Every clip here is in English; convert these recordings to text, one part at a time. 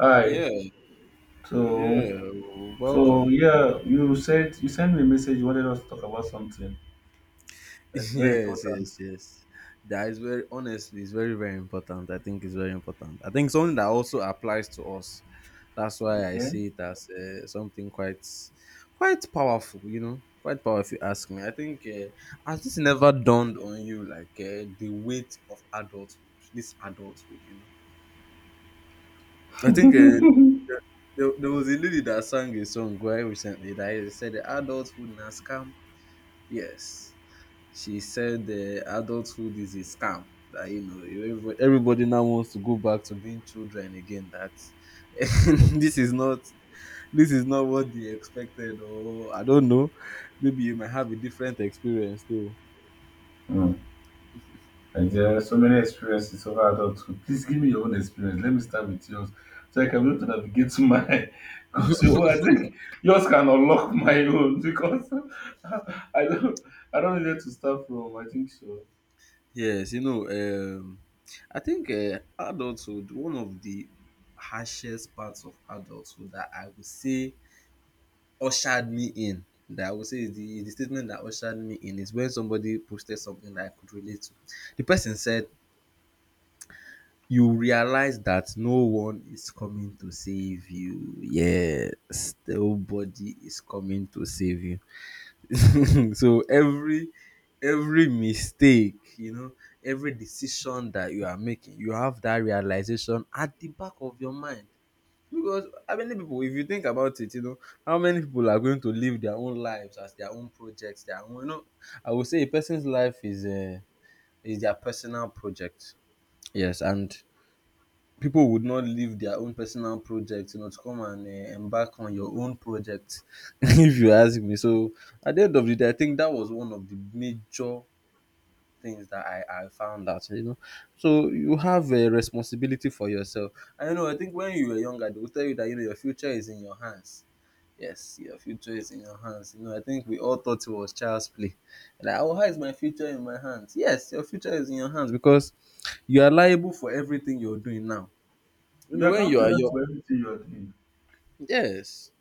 Hi. Yeah, So, yeah. so Welcome. yeah, you said you sent me a message. You wanted us to talk about something that's very Yes, yes, important. yes. That is very Honestly, it's very, very important. I think it's very important. I think something that also applies to us. That's why I Okay. see it as something quite, quite powerful. Quite powerful. If you ask me, I think has this never dawned on you like the weight of adulthood? This adulthood. I think there was a lady that sang a song quite recently that said, "Adulthood na scam." Yes. She said adulthood is a scam. That everybody now wants to go back to being children again. That this is not this is not what they expected, or I don't know. Maybe you might have a different experience though. Hmm. And there are so many experiences of adulthood. Please give me your own experience. Let me start with yours, so I can be able to navigate to my. Because oh, I think yours can unlock my own because I don't I don't know where to start from. I think so. Yes, I think adulthood, one of the harshest parts of adulthood that I would say ushered me in, that I would say, is the statement that ushered me in is when somebody posted something that I could relate to. The person said, "You realize that no one is coming to save you." Yes, nobody is coming to save you. So every mistake, you know, every decision that you are making, you have that realization at the back of your mind. Because how many people, if you think about it, how many people are going to live their own lives as their own projects, their own, I would say a person's life is a is their personal project. Yes, and people would not leave their own personal projects, to come and embark on your own project, if you ask me. So at the end of the day, I think that was one of the major things that I found out. So you have a responsibility for yourself. I don't know, I think when you were younger, they would tell you that, your future is in your hands. Yes, your future is in your hands. I think we all thought it was child's play. Like, oh, how is my future in my hands? Yes, your future is in your hands because you are liable for everything you're doing now. You're When you are accountable your for everything you're doing. Yes,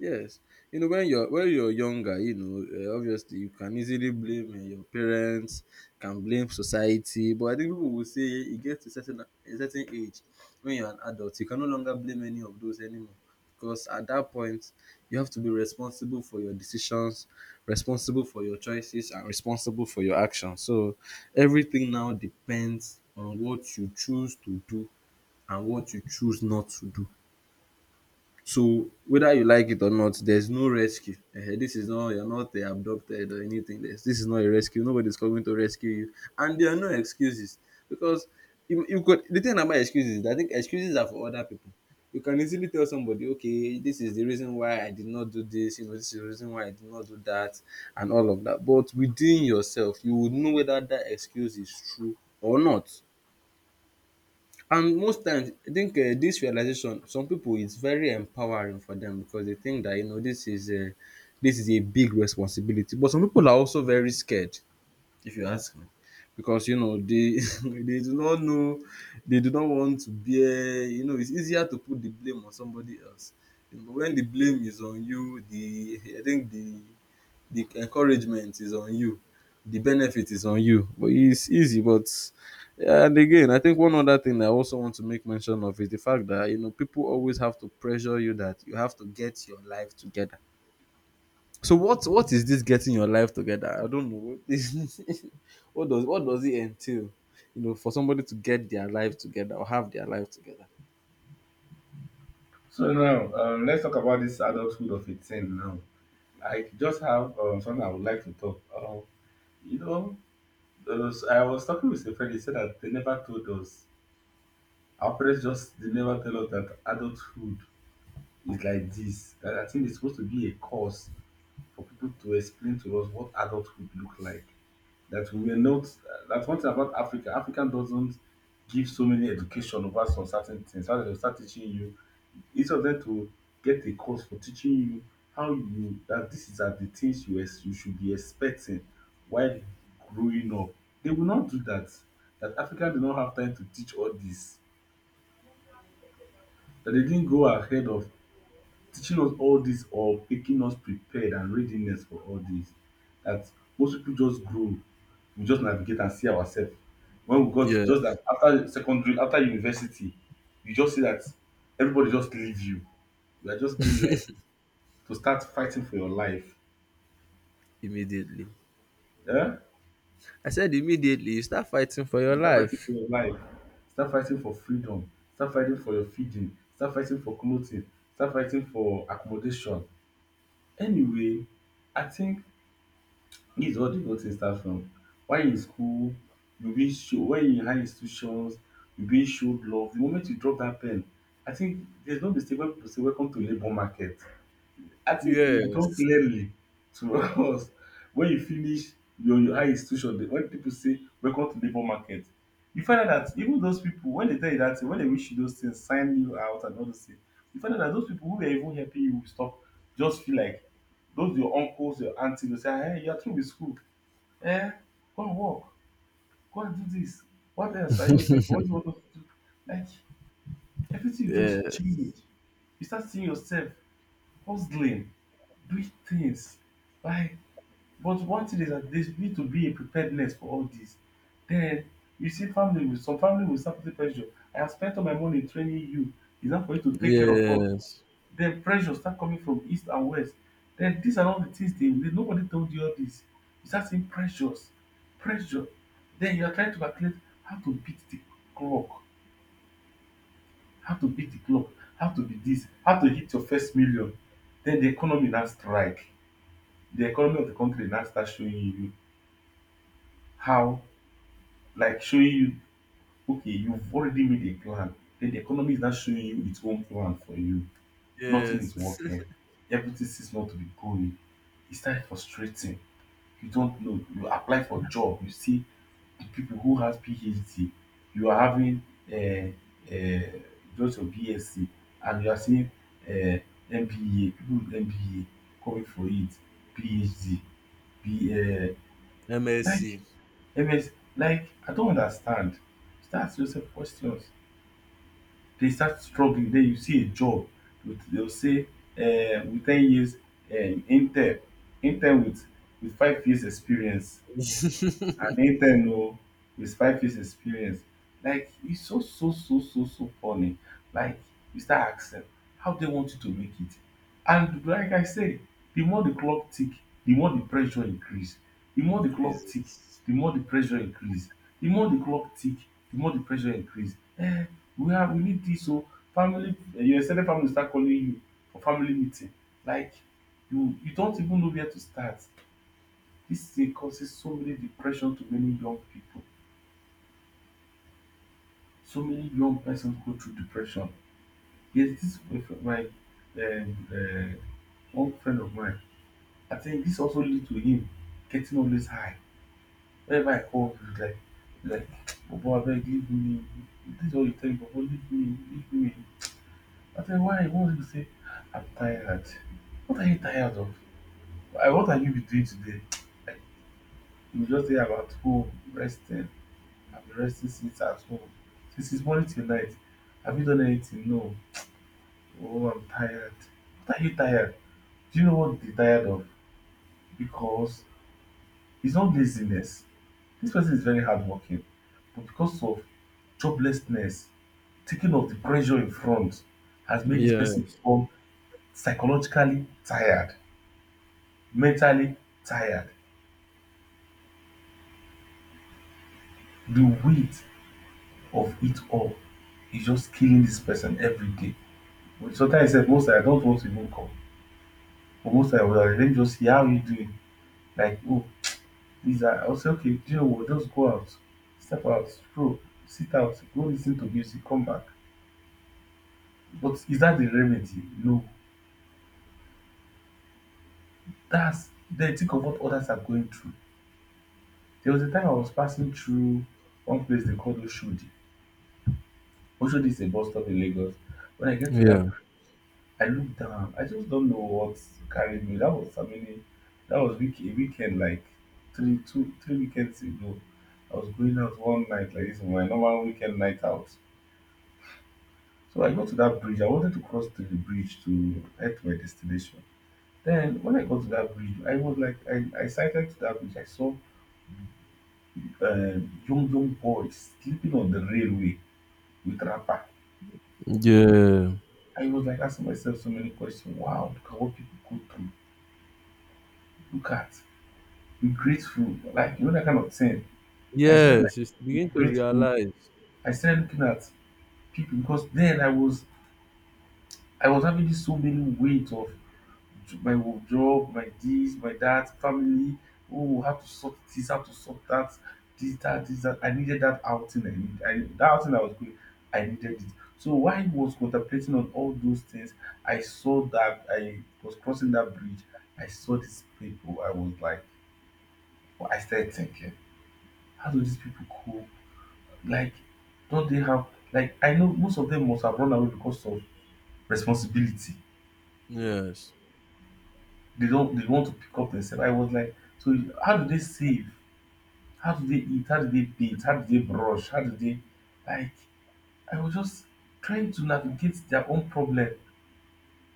yes, when you're younger, obviously you can easily blame your parents, can blame society, but I think people will say you get to certain a certain age. When you're an adult, you can no longer blame any of those anymore, because at that point you have to be responsible for your decisions, responsible for your choices, and responsible for your actions. So everything now depends on what you choose to do and what you choose not to do. So whether you like it or not, there's no rescue. Ehen, this is not you're not abducted or anything. This is not a rescue. Nobody's coming to rescue you, and there are no excuses, because you could. The thing about excuses is that I think excuses are for other people. You can easily tell somebody, okay, this is the reason why I did not do this. You know, this is the reason why I did not do that, and all of that. But within yourself, you would know whether that excuse is true or not. And most times, I think this realization, some people, it's very empowering for them because they think that, this is a big responsibility. But some people are also very scared, if you ask me, because they they do not know, they do not want to bear. It's easier to put the blame on somebody else. When the blame is on you, the I think the encouragement is on you, the benefit is on you. But it's easy, but and again, I think one other thing I also want to make mention of is the fact that, people always have to pressure you that you have to get your life together. So what is this getting your life together? I don't know what is what does it entail? For somebody to get their life together or have their life together. So now, let's talk about this adulthood of 18 now. I just have something I would like to talk. You know, there was, I was talking with a friend. He said that they never told us. Our parents just they never tell us that adulthood is like this. That I think it's supposed to be a course for people to explain to us what adulthood look like. That we are not. That's one thing about Africa. Africa doesn't give so many education over some certain things. So they will start teaching you. Each of them to get a course for teaching you how you that this is are the things you should be expecting while growing up. They will not do that. That Africa did not have time to teach all this, that they didn't go ahead of teaching us all this or making us prepared and readiness for all this, that most people just grow. We just navigate and see ourselves when we got just Yes, that after secondary, after university, you just see that everybody just leave you. You are just being left to start fighting for your life. immediately. Yeah? I said immediately. You start fighting for your You start fighting for life. your life. Start fighting for freedom. Start fighting for your feeding. Start fighting for clothing. Start fighting for accommodation. Anyway, I think this is what the whole thing starts from. While you're in school, you be show. When you in high institutions, you be showed love. The moment you drop that pen, I think there's no mistake when people say welcome to labour market. I think it become Yes. clearly to us when you finish your high institution when people say welcome to labour market, you find out that even those people, when they tell you that thing, when they wish you those things, sign you out and all those things, you find out that those people who were even helping you with stuff just feel like those your uncles, your aunties, they say, hey, you are through with school, eh, go and work, go and do this, what else are you waiting for, what do you want us to do, like everything just Yes. changed. You start seeing yourself hustling, doing things. Like, but one thing is that there need to be a preparedness for all this. Then you see family will, some family will start putting pressure. I have spent all my money training you. It's not for you to take care of us. Yes. Then pressure start coming from east and west. Then these are all the things they nobody told you all this. You start seeing pressures, pressure. Then you are trying to calculate how to beat the clock, how to beat the clock, how to be this, how to hit your first million. Then the economy now strike, the economy of the country now starts showing you how, like showing you, okay, you've already made a plan, then the economy is now showing you its own plan for you. Nothing is Yes. working, everything seems not to be going, it starts frustrating. You don't know, you apply for job, you see the people who has PhD. You are having uh, uh, just your BSc, and you are seeing uh, MBA, people with MBA coming for it, PhD, be, uh, like MSc. MS, like, I don't understand. Start asking yourself questions. They start struggling. Then you see a job They'll say, with 10 years intern, intern with, with 5 years experience, and Nathan oh, despite his experience, like it's so so so so so funny. Like you start asking how they want you to make it, and like I said, the more the clock tick, the more the pressure increase. The more the clock tick, Increases. the more the pressure increase. The more the clock tick, the more the pressure increase. Eh, we have, we need this oh, family. Eh, your extended family start calling you for family meeting, like you don't even know where to start. This thing causes so many depression to many young people. So many young persons go through depression. Yes, this my um, one friend of mine. I think this also lead to him getting always high. Whenever I call him, he's like, Bobo, I beg, leave me. This is all you tell me, Bobo, leave me, leave me. I tell why? What will you say? I'm tired. What are you tired of? What are you doing today? You just say about home, resting, I've been resting since at home. Since it's morning till night. Have you done anything? No. Oh, I'm tired. What are you tired? Do you know what they're tired of? Because it's not laziness. This person is very hardworking, but because of joblessness, taking off the pressure in front has made this person Yes. become psychologically tired, mentally tired. The weight of it all is just killing this person every day. Sometimes I said, most I don't want to even come. Almost like, well, let me just see how you doing. Like, oh, this I'll say, okay, do you know what? Just go out, step out, stroll, sit out, go listen to music, come back. But is that the remedy? No. That's, then think of what others are going through. There was a time I was passing through one place they call Oshodi. Oshodi is a bus stop in Lagos. When I get to Yeah. that, I looked down. I just don't know what carried me. That was, I mean, that was week a weekend like three weekends ago. I was going out one night like this, my normal weekend night out. So I got to that bridge. I wanted to cross to the bridge to head to my destination. Then when I got to that bridge, I was like, I sighted to that bridge. I saw young boys sleeping on the railway with wrapper. Yeah. I was like asking myself so many questions. Wow, look at what people go through. Look at, be grateful. Like you know that kind of thing. I started like, Yes. You be begin to grateful. realize. I started looking at people because then I was having this so many weight of my job, my this, my that, family. Oh, how to sort this, how to sort that, this, that, this, that. I needed that outing. That outing I was going. I needed it. So while I was contemplating on all those things, I saw that I was crossing that bridge. I saw these people. I was like, I started thinking, how do these people cope? Like, don't they have, like, I know most of them must have run away because of responsibility. Yes. They don't they want to pick up themselves. I was like, how do they save? How do they eat? How do they bathe? How do they brush? How do they, like, I was just trying to navigate their own problem.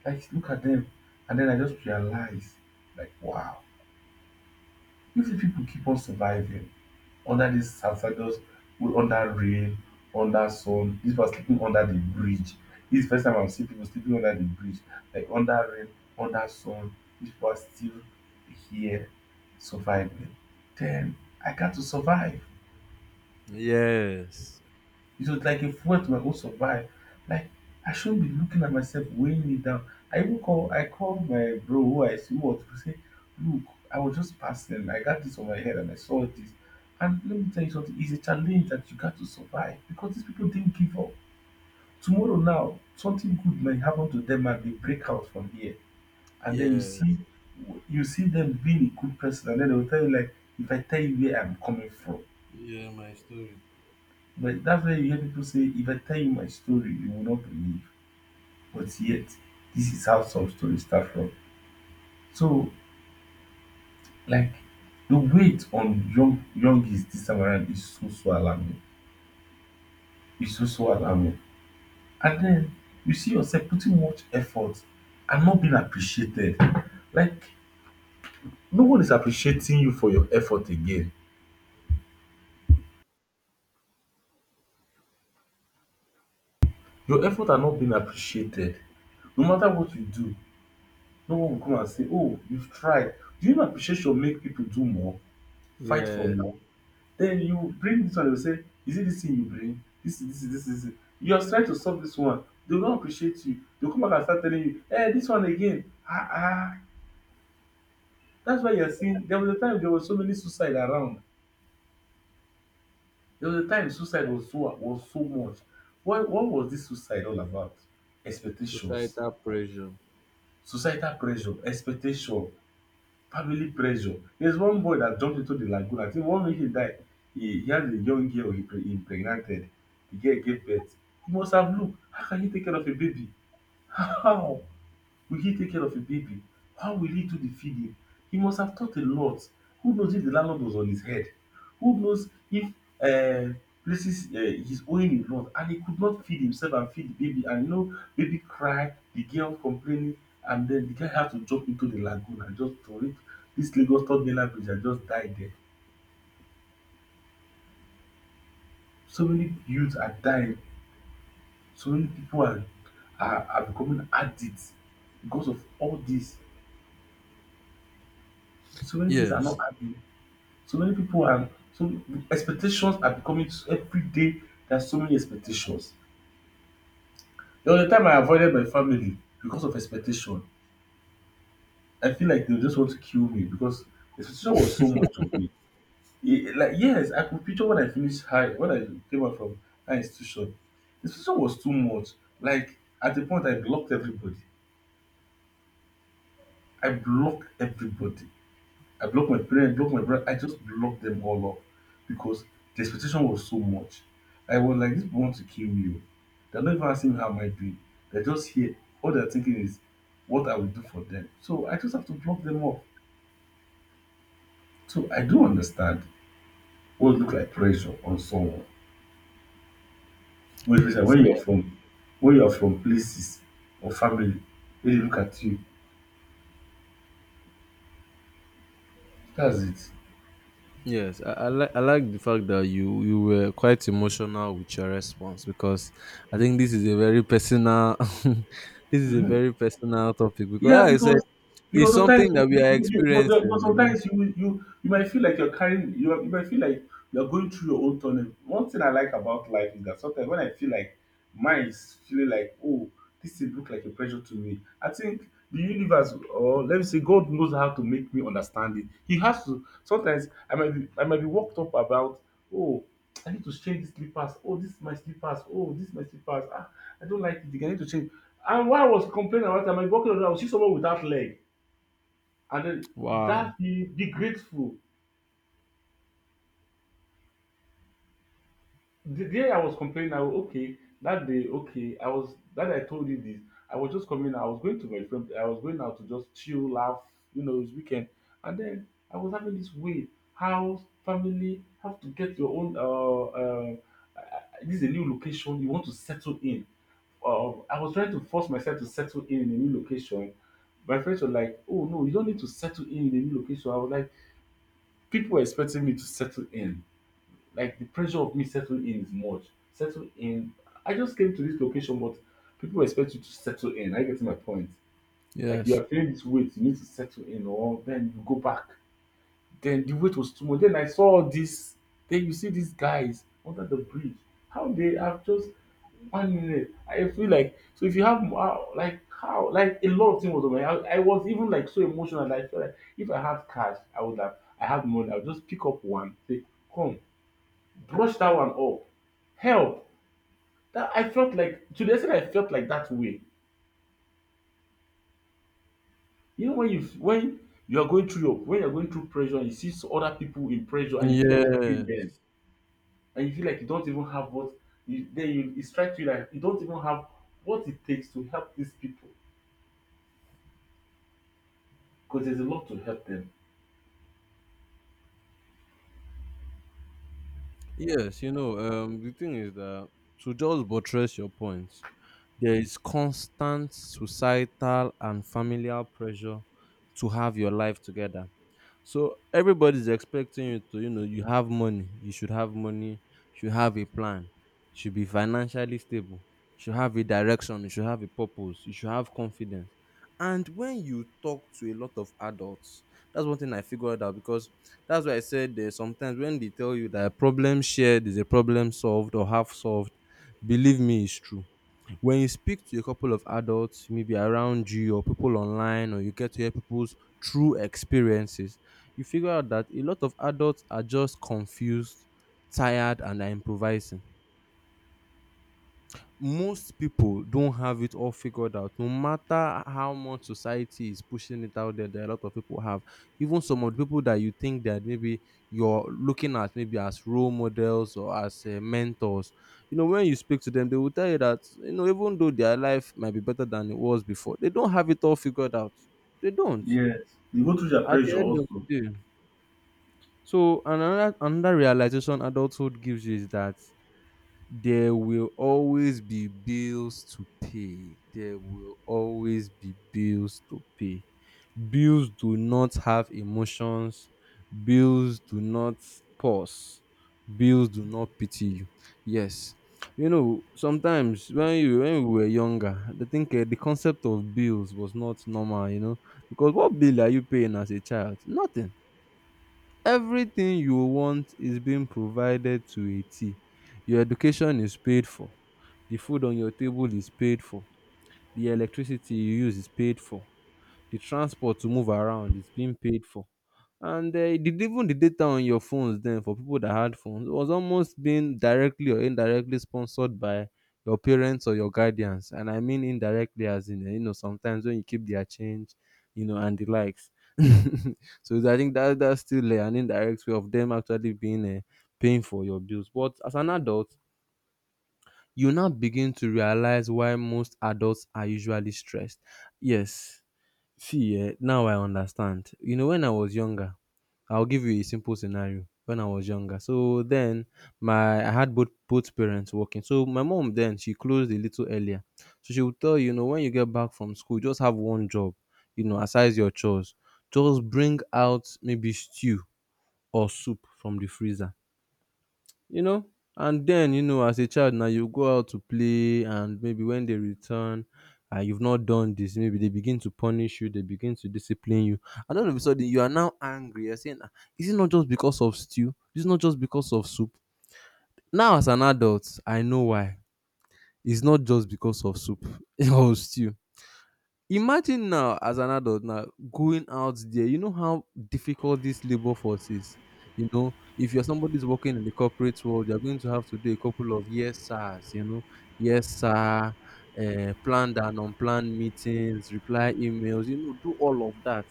Like, look at them. And then I just realized, like, wow, if the people keep on surviving under this hazardous, go under rain, under sun, this one sleeping under the bridge, this is first time I'm seeing people sleeping under the bridge, like under rain, under sun, these people are still here surviving, then I got to survive. Yes. It was like a fuel to my own survive. Like, I shouldn't be looking at myself weighing it down. I call my bro who I see what to say, look, I was just passing. I got this on my head and I saw this. And let me tell you something, it's a challenge that you got to survive because these people didn't give up. Tomorrow now, something good might happen to them and they break out from here. And then Yes. you see them being a good person and then they will tell you, like, if I tell you where I'm coming from. Yeah, my story. But that's where you hear people say, if I tell you my story, you will not believe. But yet this is how some stories start from. So, like, the weight on youngest this time around is so so alarming. It's so so alarming. And then you see yourself putting much effort and not being appreciated. Like, no one is appreciating you for your effort again. Your effort are not being appreciated. No matter what you do, no one will come and say, "Oh, you've tried." Do you know appreciation make people do more, fight for Yes. more? Then you bring this one, they will say, is it this thing you bring? This is it. You are trying to solve this one. They will not appreciate you. They will come back and start telling you, hey, this one again. Ah, ah. That's why you're seeing there was a time there was so many suicide around. There was a time suicide was so much. What was this suicide all about? Expectations, Societal pressure. societal pressure, expectation. Family pressure. There's one boy that jumped into the lagoon. I think one way he died, he had a young girl he impregnated. The girl gave birth. You must have looked. How can you take care of a baby? How? Will he take care of a baby? How will he do the feeding? He must have thought a lot. Who knows if the landlord was on his head? Who knows if um places he's owing a lot and he could not feed himself and feed the baby, and you know baby cry, the girl complaining, and then the guy had to jump into the lagoon and just throw it. This Lagos third mainland bridge and just died there. So many youths are dying, so many people are becoming addicts because of all this. So many things are Yes. not happening. So many people are so expectations are becoming every day there are so many expectations. There was a time I avoided my family because of expectation. I feel like they just want to kill me because expectation was so much of me. Like yes, I could picture when I finished high when I came out from high institution. The expectation was too much. Like at the point I blocked everybody. I blocked everybody. I blocked my parents, blocked my brother. I just blocked them all up because the expectation was so much. I was like, these people want to kill me. Oh. They're not even asking me how am I doing. They're just here. All they're thinking is what I will do for them. So I just have to block them off. So I do understand what look like pressure on someone. When especially Yes. when you're from places or family, they look at you. That's it. Yes, I like the fact that you were quite emotional with your response, because I think this is a very personal this is a Mhm. very personal topic, because Yeah, like I said, it's because something sometimes you, that we you, are you, you- experiencing. because you know. sometimes you you you might feel like you might feel like you're going through your own tunnel. One thing I like about life is that sometimes when I feel like mine is feeling like, oh, this thing look like a pressure to me, I think the universe, or let me say God, knows how to make me understand it. He has to. Sometimes I might be worked up about, oh, I need to change these slippers. Oh, this is my slippers. Oh, this is my slippers. Ah, I don't like it again. I need to change. And while I was complaining about time, I might be walking around, I would see someone without leg, and then Wow. that be grateful. The day I was complaining, I was okay. That day, okay, I was that I told you this. I was just coming. I was going to my friend. I was going out to just chill, laugh. You know, it's weekend, and then I was having this way. House, family, have to get your own. This is a new location. You want to settle in. I was trying to force myself to settle in a new location. My friends were like, "Oh no, you don't need to settle in a new location." I was like, people were expecting me to settle in. Like the pressure of me settling in is much. Settle in. I just came to this location, but people expect you to settle in. I get my point. Like you Yes. are feeling this weight, you need to settle in, or then you go back. Then the weight was too much. Then I saw all this. Then you see these guys under the bridge. How they have just one minute. I feel like so if you have, wow, like how, like a lot of things was on my, I was even like so emotional that I felt like if I had cash, I would have, I have money. I would just pick up one. Say come, brush that one up. Help. That I felt like, to the extent I felt like that way. You know when you are going through your when you are going through pressure and you see other people in pressure and you feel like helping Yeah. them, and you feel like you don't even have what you, then you, it strikes you that you don't even have what it takes to help these people because there's a lot to help them. Yes, the thing is that, to just buttress your points, there is constant societal and familial pressure to have your life together. So everybody's expecting you to, you have money, you should have money, you should have a plan, should be financially stable, should have a direction, you should have a purpose, you should have confidence. And when you talk to a lot of adults, that's one thing I figured out, because that's why I said, there's sometimes when they tell you that a problem shared is a problem solved or half solved. Believe me, it's true. When you speak to a couple of adults, maybe around you, or people online, or you get to hear people's true experiences, you figure out that a lot of adults are just confused, tired, and are improvising. Most people don't have it all figured out, no matter how much society is pushing it out there. There are a lot of people have, even some of the people that you think that maybe you're looking at maybe as role models or as mentors, when you speak to them, they will tell you that, even though their life might be better than it was before, they don't have it all figured out. They don't. Yes. You go through their At the pressure end of the also. day, so another realization adulthood gives you is that there will always be bills to pay. There will always be bills to pay. Bills do not have emotions. Bills do not pause. Bills do not pity you. Yes. Sometimes when you when we were younger, I think the concept of bills was not normal, because what bill are you paying as a child? Nothing. Everything you want is being provided to a T. Your education is paid for. The food on your table is paid for. The electricity you use is paid for. The transport to move around is being paid for. And even the data on your phones then, for people that had phones, was almost being directly or indirectly sponsored by your parents or your guardians. And I mean indirectly as in, sometimes when you keep their change and the likes. So I think that that's still an indirect way of them actually being paying for your bills. But as an adult, you now begin to realize why most adults are usually stressed. Yes. See, eh, now I understand. When I was younger, I'll give you a simple scenario. When I was younger, so then my I had both parents working. So my mom then, she closed a little earlier, so she would tell you, when you get back from school, just have one job, aside your chores, just bring out maybe stew or soup from the freezer you know. And then, as a child now, you go out to play, and maybe when they return, and you've not done this, maybe they begin to punish you, they begin to discipline you, and all of a sudden you are now angry. You're saying, "Ah, is it not just because of stew? Is it not just because of soup?" Now, as an adult, I know why. It's not just because of soup or stew. Imagine now, as an adult now, going out there, you know how difficult this labor force is. If you're somebody's working in the corporate world, you're going to have to do a couple of yes sirs, yes sir, planned and unplanned meetings, reply emails, do all of that.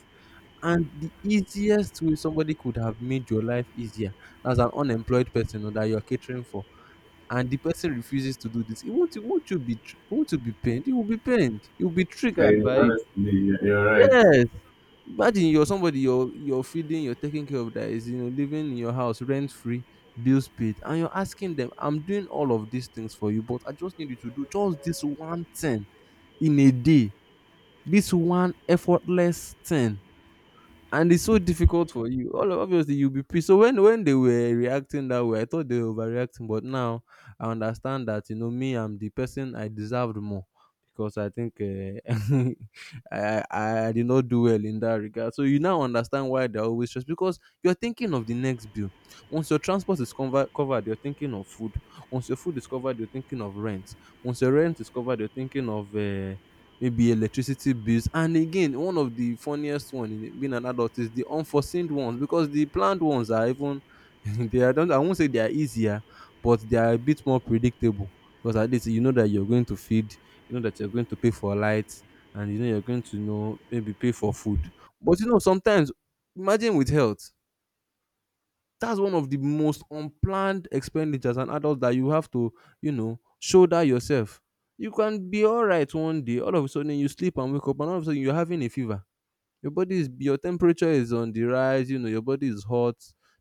And the easiest way somebody could have made your life easier, as an unemployed person or that you're catering for, and the person refuses to do this, it won't you be, tr- won't you be pained? You will be pained. You will be triggered I by it. honestly, you're right. Yes. Imagine you're somebody you're feeding, you're taking care of that is you know living in your house rent free, bills paid, and you're asking them, I'm doing all of these things for you, but I just need you to do just this one thing in a day, this one effortless thing and it's so difficult for you. Obviously you'll be pissed. So when they were reacting that way, I thought they were overreacting, but now I understand that you know me, I'm the person I deserved more because I think I did not do well in that regard. So you now understand why they're always stressed because you're thinking of the next bill. Once your transport is covered, you're thinking of food. Once your food is covered, you're thinking of rent. Once your rent is covered, you're thinking of maybe electricity bills. And again, one of the funniest one in being an adult is the unforeseen ones because the planned ones are even they are don't I won't say they are easier but they are a bit more predictable because at least you know that you're going to feed, you know that you're going to pay for light, and you know you're going to you know maybe pay for food. But you know, sometimes imagine with health, that's one of the most unplanned expenditures an adult that you have to you know shoulder yourself. You can be all right one day, all of a sudden you sleep and wake up and all of a sudden you're having a fever, your body is your temperature is on the rise, you know your body is hot,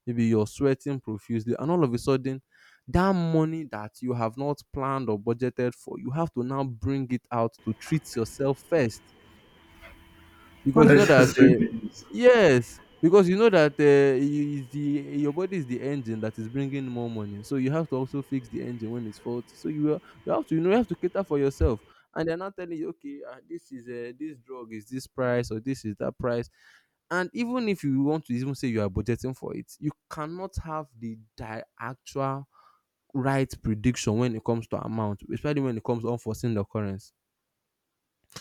maybe you're sweating profusely and all of a sudden that money that you have not planned or budgeted for you have to now bring it out to treat yourself first. Because you know that Unnecessary things. yes, because you know that is the your body is the engine that is bringing more money. So you have to also fix the engine when it's faulty. So you have to you know you have to cater for yourself. And they're not telling you, okay, this is this drug is this price or this is that price. And even if you want to even say you are budgeting for it, you cannot have the actual right prediction when it comes to amount, especially when it comes to unforeseen occurrence.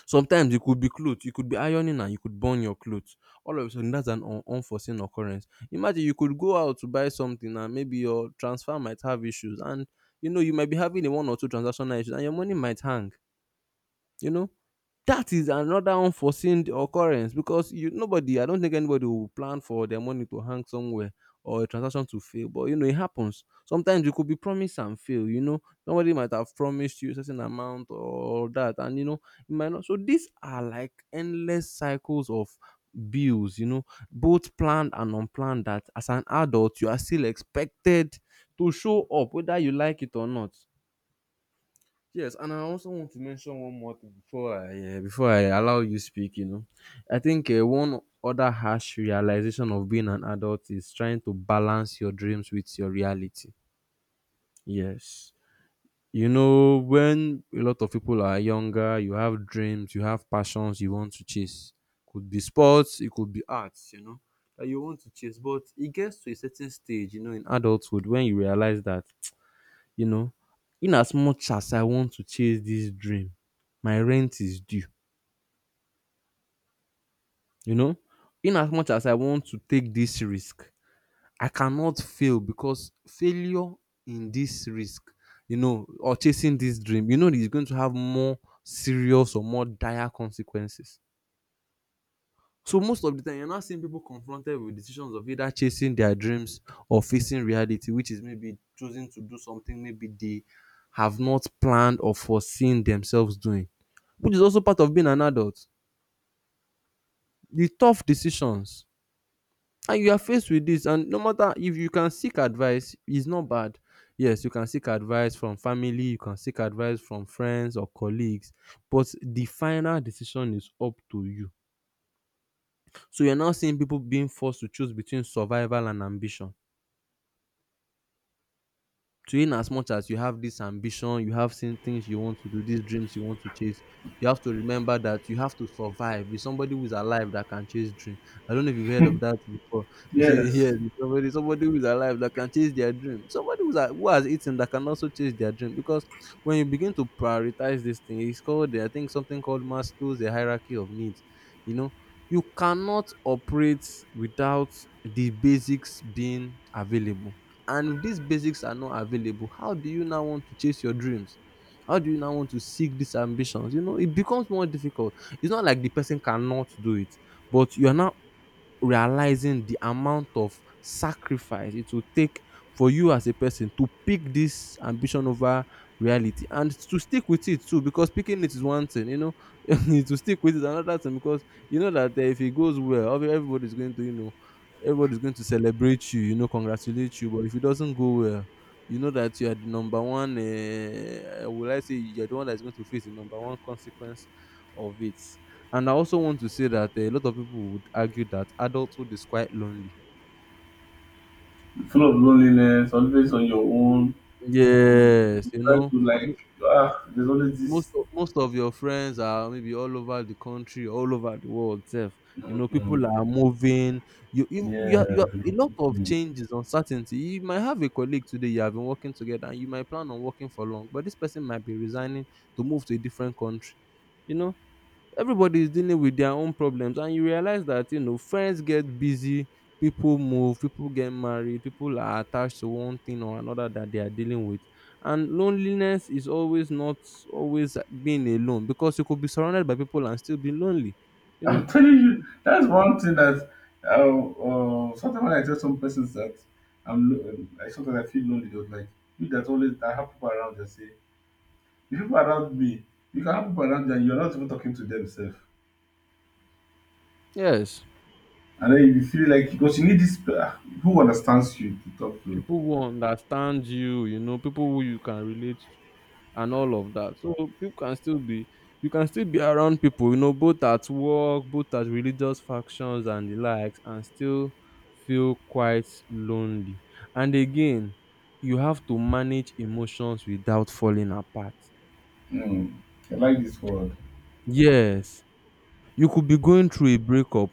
Sometimes it could be clothes, you could be ironing and you could burn your clothes. All of a sudden that's an un unforeseen occurrence. Imagine you could go out to buy something and maybe your transfer might have issues and you know you might be having a one or two transactional issues and your money might hang. You know, that is another unforeseen occurrence because you nobody, I don't think anybody will plan for their money to hang somewhere or a transaction to fail. But you know, it happens. Sometimes you could be promised and fail. You know, somebody might have promised you a certain amount or that, and you know, it might not. So these are like endless cycles of bills. You know, both planned and unplanned. That as an adult, you are still expected to show up, whether you like it or not. Yes, and I also want to mention one more thing before I allow you speak. You know, I think one other harsh realization of being an adult is trying to balance your dreams with your reality. Yes, you know, when a lot of people are younger, you have dreams, you have passions you want to chase. Could be sports, it could be arts. You know, that you want to chase, but it gets to a certain stage, you know, in adulthood when you realize that you know, in as much as I want to chase this dream, my rent is due. You know, in as much as I want to take this risk, I cannot fail because failure in this risk, you know, or chasing this dream, you know, is going to have more serious or more dire consequences. So most of the time, you're not seeing people confronted with decisions of either chasing their dreams or facing reality, which is maybe choosing to do something maybe they have not planned or foreseen themselves doing, which is also part of being an adult. The tough decisions, and you are faced with this, and no matter if you can seek advice, it's not bad. Yes, you can seek advice from family, you can seek advice from friends or colleagues, but the final decision is up to you. So you're now seeing people being forced to choose between survival and ambition. So in as much as you have this ambition, you have seen things you want to do, these dreams you want to chase, you have to remember that you have to survive. There's somebody who is alive that can chase dream. I don't know if you've heard of that before. They say, yeah, Yes. there's somebody who is alive that can chase their dream. Somebody who has eaten that can also chase their dream. Because when you begin to prioritize this thing, it's called, I think, something called Maslow's the hierarchy of needs. You know, you cannot operate without the basics being available. And if these basics are not available, how do you now want to chase your dreams? How do you now want to seek these ambitions? You know, it becomes more difficult. It's not like the person cannot do it, but you are now realizing the amount of sacrifice it will take for you as a person to pick this ambition over reality, and to stick with it too, because picking it is one thing, you know, to stick with it is another thing because you know that if it goes well, everybody's going to you know everybody's going to celebrate you, you know, congratulate you, but if it doesn't go well, you know that you are the number one will I say you're the one that's going to face the number one consequence of it. And I also want to say that a lot of people would argue that adulthood is quite lonely. Full of loneliness, always on your Mm. own. Yes, you Try know, to mo- like, ah, there's always this. Most of your friends are maybe all over the country, all over the world. Self, you know, people Mm-mm. are moving. You you you Yeah, are, you are a lot of changes, uncertainty. You might have a colleague today you have been working together, and you might plan on working for long, but this person might be resigning to move to a different country. You know, everybody is dealing with their own problems and you realize that you know friends get busy, people move, people get married, people are attached to one thing or another that they are dealing with. And loneliness is always not always being alone because you could be surrounded by people and still be lonely, you know. I'm telling you, that's one thing that uh, sometimes when I tell some persons that I sometimes I feel lonely, they was like, you that always that have people around you, say, the people around me, you can have people around you and you're not even talking to themselves. Yes, And then you feel like because you need this who understands you to talk to. people who understand you, you know, people who you can relate and all of that. So people can still be you can still be around people, you know, both at work, both at religious factions and the likes, and still feel quite lonely. And again, you have to manage emotions without falling apart. Mm, I like this word. Yes. You could be going through a breakup.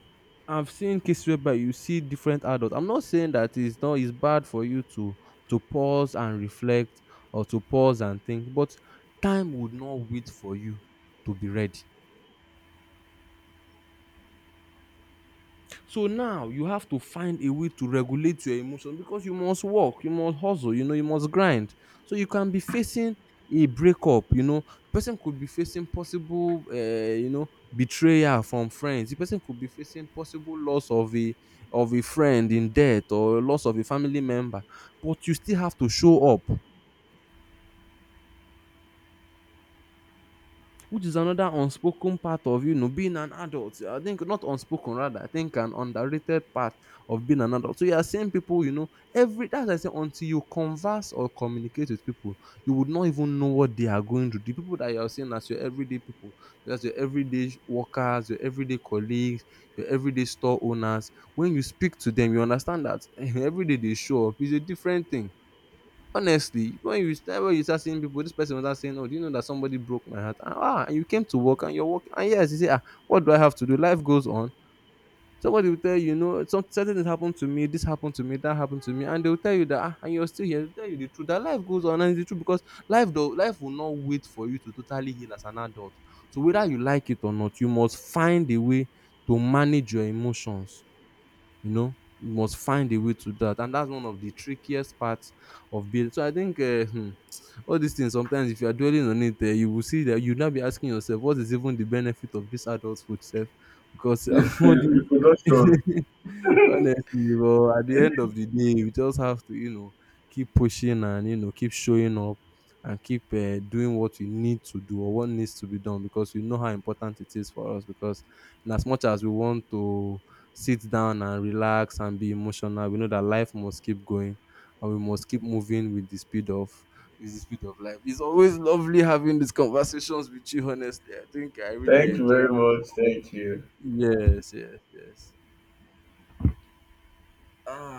I've seen cases whereby you see different adults. I'm not saying that it's not it's bad for you to pause and reflect or to pause and think, but time would not wait for you to be ready. So now you have to find a way to regulate your emotion because you must work, you must hustle, you know, you must grind. So you can be facing a breakup, you know, person could be facing possible, you know, betrayal from friends. The person could be facing possible loss of a friend in death or loss of a family member, but you still have to show up. Which is another unspoken part of you know being an adult. I think not unspoken rather, I think an underrated part of being an adult. So you are seeing people, you know, every that's why I say until you converse or communicate with people you would not even know what they are going through. The people that you are seeing as your everyday people, as your everyday workers, your everyday colleagues, your everyday store owners, when you speak to them you understand that every day they show up is a different thing. Honestly, when you start seeing people, this person was start saying, oh, do you know that somebody broke my heart, and ah, and you came to work and you're working and yes, you say ah, what do I have to do? Life goes on. Somebody will tell you, you know, some certain things happened to me, this happened to me, that happened to me, and they will tell you that ah, and you're still here, they'll tell you the truth that life goes on, and it's the truth because life will not wait for you to totally heal as an adult. So whether you like it or not, you must find a way to manage your emotions, you know, you must find a way to do that. And that's one of the trickiest parts of building. So I think all these things sometimes if you are dwelling on it you will see that you now be asking yourself, what is even the benefit of this adulthood self? Because all these Reproduction. Honestly, but at the end of the day, we just have to, you know, keep pushing and, you know, keep showing up and keep doing what we need to do or what needs to be done because we know how important it is for us. Because in as much as we want to sit down and relax and be emotional, we know that life must keep going and we must keep moving with the speed of with the speed of life. It's always lovely having these conversations with you, honestly. I think I really Thank you enjoy. very much. Thank you. Yes, yes, yes. Ah.